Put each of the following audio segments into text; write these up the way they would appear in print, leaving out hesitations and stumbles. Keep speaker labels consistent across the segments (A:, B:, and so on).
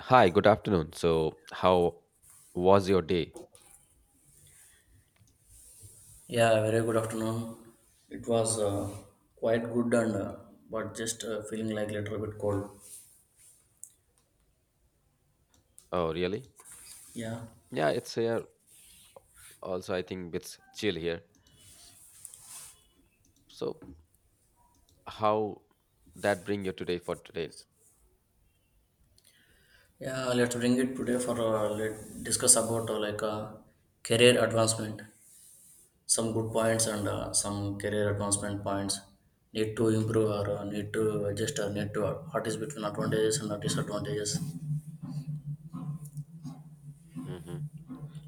A: Hi, good afternoon. So, how was your day?
B: Yeah, very good afternoon. It was quite good and but just feeling like little bit cold.
A: Oh, really?
B: Yeah,
A: Yeah, it's here. Also, I think it's chill here. So, how that bring you today for today?
B: yeah. Let's bring it today for let discuss about career advancement. Some good points and some career advancement points. Need to improve or need to adjust or need to what is between advantages and disadvantages.
A: Hmm.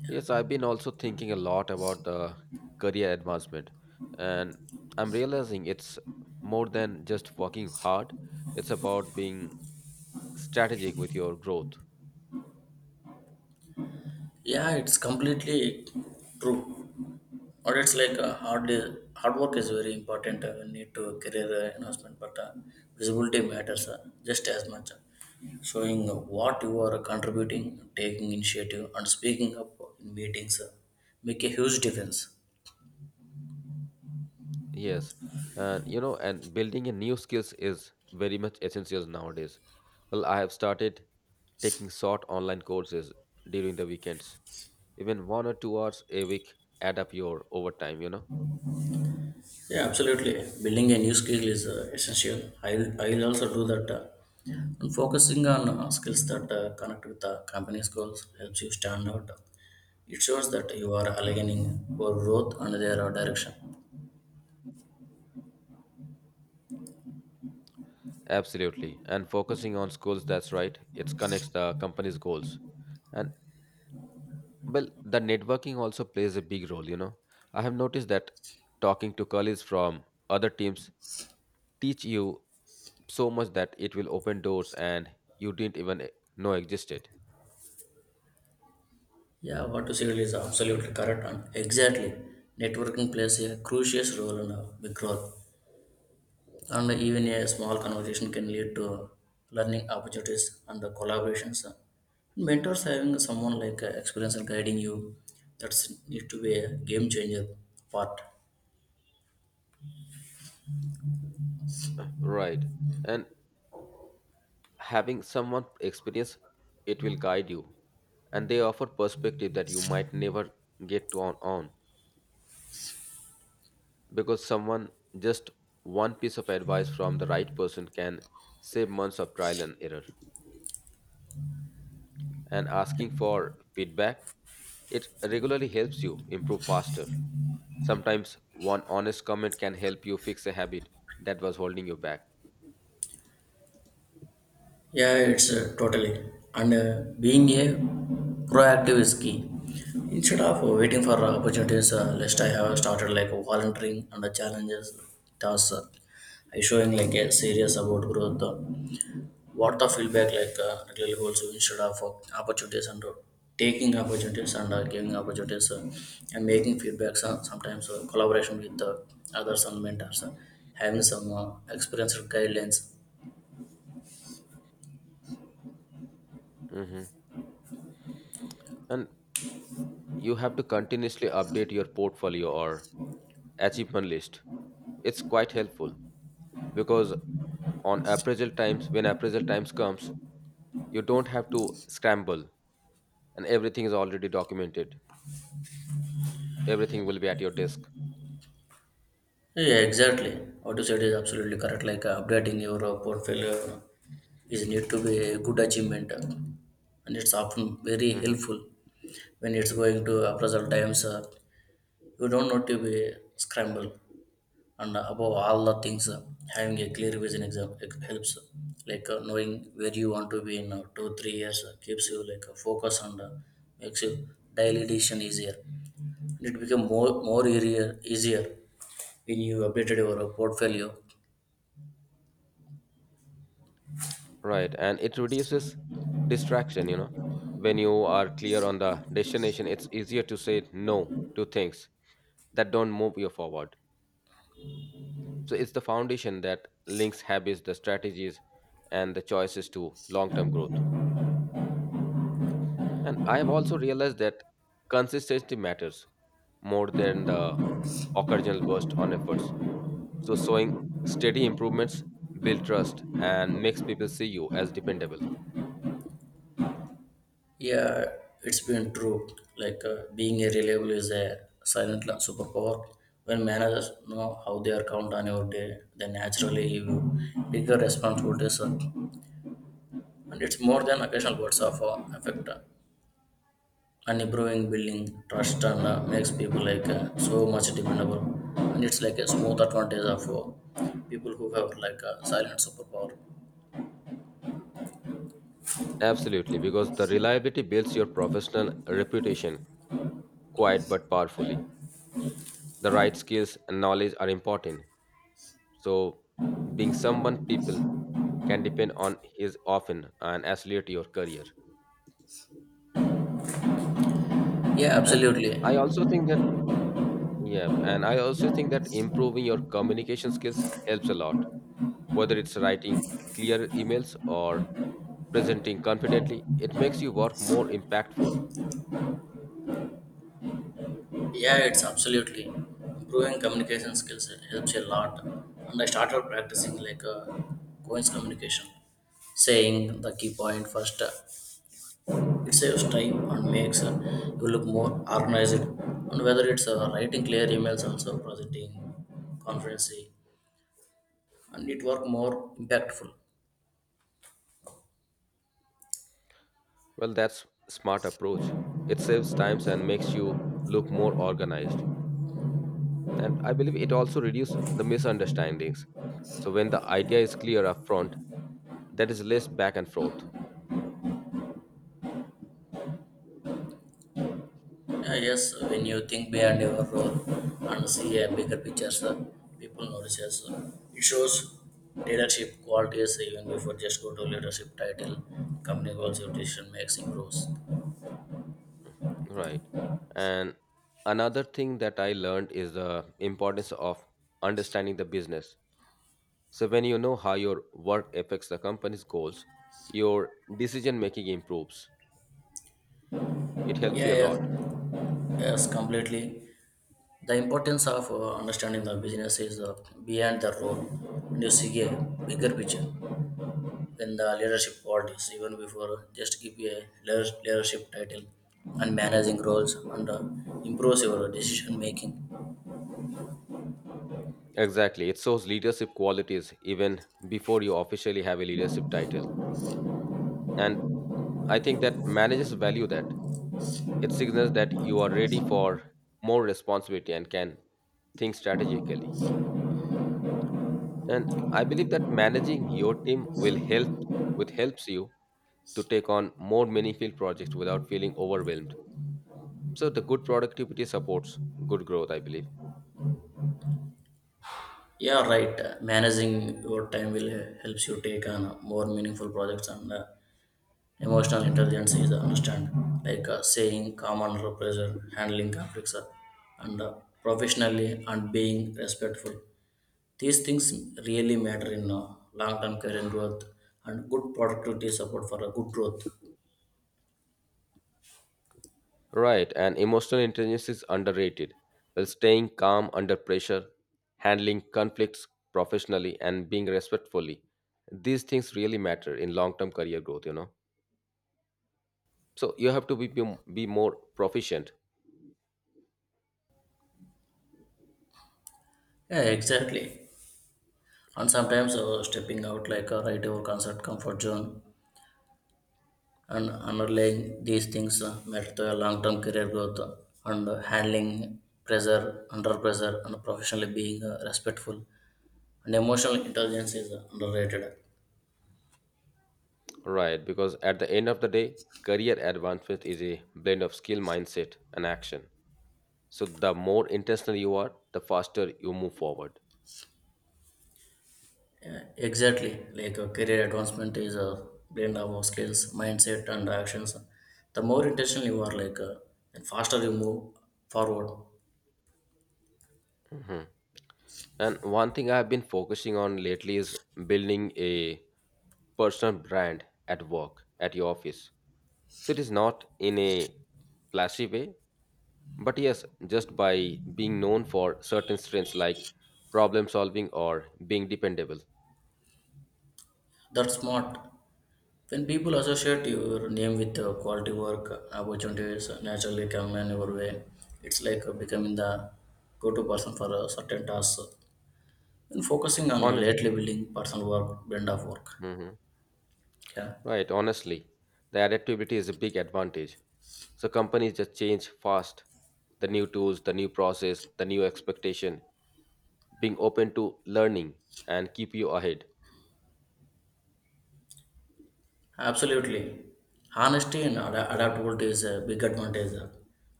A: Yes, I've been also thinking a lot about the career advancement, and I'm realizing it's more than just working hard. It's about being strategic with your growth.
B: Yeah, it's completely true. Or it's like hard work is very important, we need to career enhancement but visibility matters, just as much, showing what you are contributing, taking initiative and speaking up in meetings, make a huge difference.
A: Yes, and you know, and building a new skills is very much essential nowadays. Well, I have started taking short online courses during the weekends, even 1 or 2 hours a week add up your overtime, you know.
B: Yeah, absolutely. Building a new skill is essential. I'll also do that, and focusing on skills that connect with the company's goals helps you stand out. It shows that you are aligning for growth and their direction.
A: Absolutely, and focusing on schools, that's right. It connects the company's goals, and well, the networking also plays a big role, you know. I have noticed that talking to colleagues from other teams teach you so much that it will open doors and you didn't even know existed.
B: Yeah, what you said is absolutely correct and exactly. Networking plays a crucial role in big growth, and even
A: Mhm.
B: a small conversation can lead to learning opportunities and the collaborations. Mentors, having someone like experience and guiding you, that's need to be a game changer part.
A: Right. And having someone experience it will guide you. And they offer perspective that you might never get to on. Because someone just one piece of advice from the right person can save months of trial and error. And asking for feedback, it regularly helps you improve faster. Sometimes one honest comment can help you fix a habit that was holding you back.
B: Yeah, it's totally, and being a proactive is key. Instead of waiting for opportunities, lest I have started like volunteering and the challenges tasks. Is showing like a serious about growth. What the feedback like really holds you instead of opportunities and taking opportunities and giving opportunities, and making feedbacks. Sometimes collaboration with others and mentors, having some experience guidelines.
A: Hmm. And you have to continuously update your portfolio or achievement list. It's quite helpful because on appraisal times, when appraisal times comes, you don't have to scramble and everything is already documented. Everything will be at your desk.
B: Yeah, exactly. What you said is absolutely correct. Like updating your portfolio is need to be a good achievement, and it's often very
A: Hmm.
B: helpful when it's going to appraisal times. You don't need to be scrambled, and above all the things, having a clear vision exam helps, like knowing where you want to be in 2-3 years, keeps you like focus, and makes you daily decision easier, and it become more easier easier when you updated your portfolio.
A: Right. And it reduces distraction, you know. When you are clear on the destination, it's easier to say no to things that don't move you forward. So it's the foundation that links habits, the strategies, and the choices to long term growth. And I have also realized that consistency matters more than the occasional burst on efforts. So, showing steady improvements build trust and makes people see you as dependable.
B: Yeah, it's been true. Like being a reliable is a silent superpower. When managers know how they are count on your day, they naturally give you bigger responsibilities, and it's more than occasional words of affect, an improving building trust and makes people like so much dependable, and it's like a smooth advantage of people who have like a silent superpower.
A: Absolutely, because the reliability builds your professional reputation quiet but powerfully. The right skills and knowledge are important. So, being someone people can depend on is often and accelerate your career.
B: Yeah,
A: And
B: absolutely.
A: I also think that yeah and I also think that improving your communication skills helps a lot, whether it's writing clear emails or presenting confidently, it makes you work more impactful.
B: Yeah, it's absolutely improving communication skills helps a lot, and I started practicing like coins communication, saying the key point first, it saves time and makes you look more organized, and whether it's writing clear emails, also presenting, conferencing, and it work more impactful.
A: Well, that's smart approach. It saves times and makes you look more organized, and I believe it also reduces the misunderstandings. So when the idea is clear up front, that is less back and forth.
B: Yes, when you think beyond your role and see a bigger picture, so people notices. So it shows leadership qualities even before just go to leadership title. Company goals, your decision makes improves.
A: Right. And another thing that I learned is the importance of understanding the business. So when you know how your work affects the company's goals, your decision making improves. It helps
B: Yeah,
A: you a
B: yes,
A: lot.
B: yes, completely. The importance of understanding the business is, beyond the role, and you see a bigger picture when the leadership qualities, even before, just give a leadership title and managing roles, and improves your decision making.
A: Exactly. It shows leadership qualities even before you officially have a leadership title. And I think that managers value that. It signals that you are ready for more responsibility and can think strategically. And I believe that managing your team will help with helps you to take on more meaningful projects without feeling overwhelmed. So the good productivity supports good growth, I believe.
B: Yeah, right. Managing your time will helps you take on more meaningful projects, and emotional intelligence is understand, like saying calm under pressure, handling conflicts, and professionally and being respectful. These things really matter in long-term career growth, and good productivity support for a good growth.
A: Right, and emotional intelligence is underrated. Well, staying calm under pressure, handling conflicts professionally and being respectfully, these things really matter in long term career growth, you know. So you have to be more proficient.
B: Yeah, exactly. And sometimes stepping out like a right over concert comfort zone and underlying these things matter to a long-term career growth, and handling pressure under pressure and professionally being respectful, and emotional intelligence is underrated.
A: Right, because at the end of the day, career advancement is a blend of skill, mindset, and action. So the more intentional you are, the faster you move forward.
B: Yeah, exactly, like career advancement is a blend of skills, mindset and actions. The more intentional you are, like the faster you move forward.
A: Mhm. And one thing I've been focusing on lately is building a personal brand at work, at your office. So it is not in a flashy way, but yes, just by being known for certain strengths like problem solving or being dependable.
B: That's smart. When people associate your name with quality work, opportunities naturally come in your way. It's like becoming the go to person for a certain task, and focusing on lately
A: Honestly.
B: building personal work, brand of work. Yeah.
A: Right, honestly, the adaptability is a big advantage. So companies just change fast. The new tools, the new process, the new expectation, being open to learning and keep you ahead.
B: Absolutely. Honesty and adaptability is a big advantage.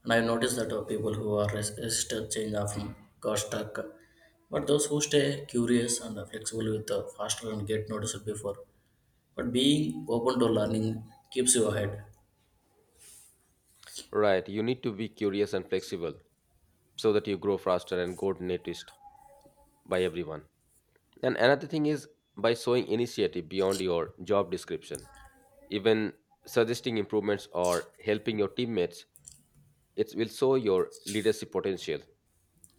B: And I noticed that people who are resistant change often got stuck. But those who stay curious and are flexible with faster and get noticed before. But being open to learning keeps you ahead.
A: Right, you need to be curious and flexible so that you grow faster and go noticed by everyone. And another thing is by showing initiative beyond your job description, even suggesting improvements or helping your teammates, it will show your leadership potential,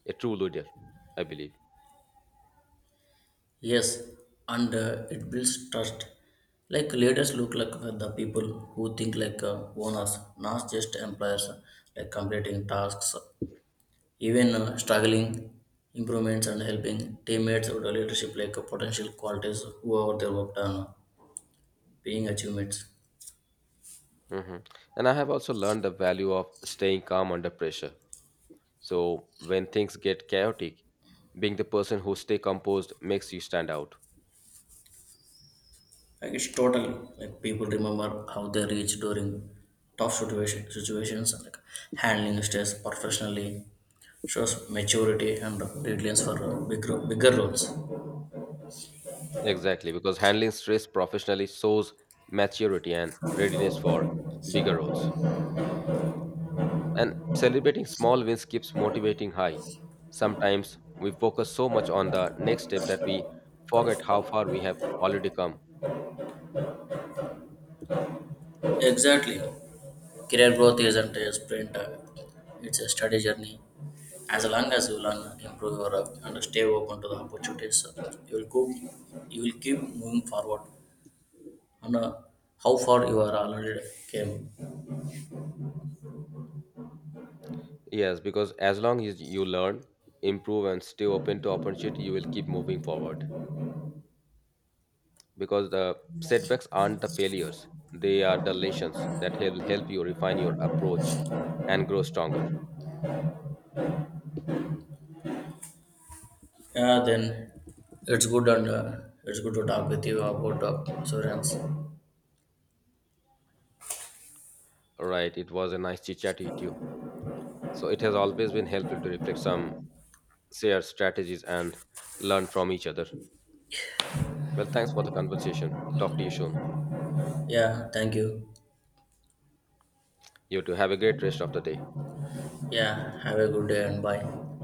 A: a true leader, I believe.
B: Yes, and it builds trust. Like leaders look like with the people who think like owners, not just employers, like completing tasks. Even struggling improvements and helping teammates out of leadership, like potential qualities whoever they worked on, being achievements.
A: Hmm. And I have also learned the value of staying calm under pressure. So when things get chaotic, being the person who stay composed makes you stand out.
B: Like it's total, like people remember how they reach during tough situations, and like handling stress professionally shows maturity and resilience for bigger roles.
A: Exactly, because handling stress professionally shows maturity and readiness for bigger roles. And celebrating small wins keeps motivating high. Sometimes we focus so much on the next step that we forget how far we have already come.
B: Exactly. Career growth isn't a sprint, it's a steady journey. As long as you learn, improve your, and stay open to the opportunities, you will go, you will keep moving forward. And how far you are already came,
A: Yes, because as long as you learn, improve, and stay open to opportunity, you will keep moving forward. Because the setbacks aren't the failures, they are the lessons that will help you refine your approach and grow stronger.
B: yeah, then it's good, and it's good to talk with you about insurance.
A: All right, it was a nice chit chat with you. So it has always been helpful to reflect some shared strategies and learn from each other. Well, thanks for the conversation. Talk to you soon.
B: Yeah, thank you.
A: You too. Have a great rest of the day.
B: Yeah, have a good day and bye.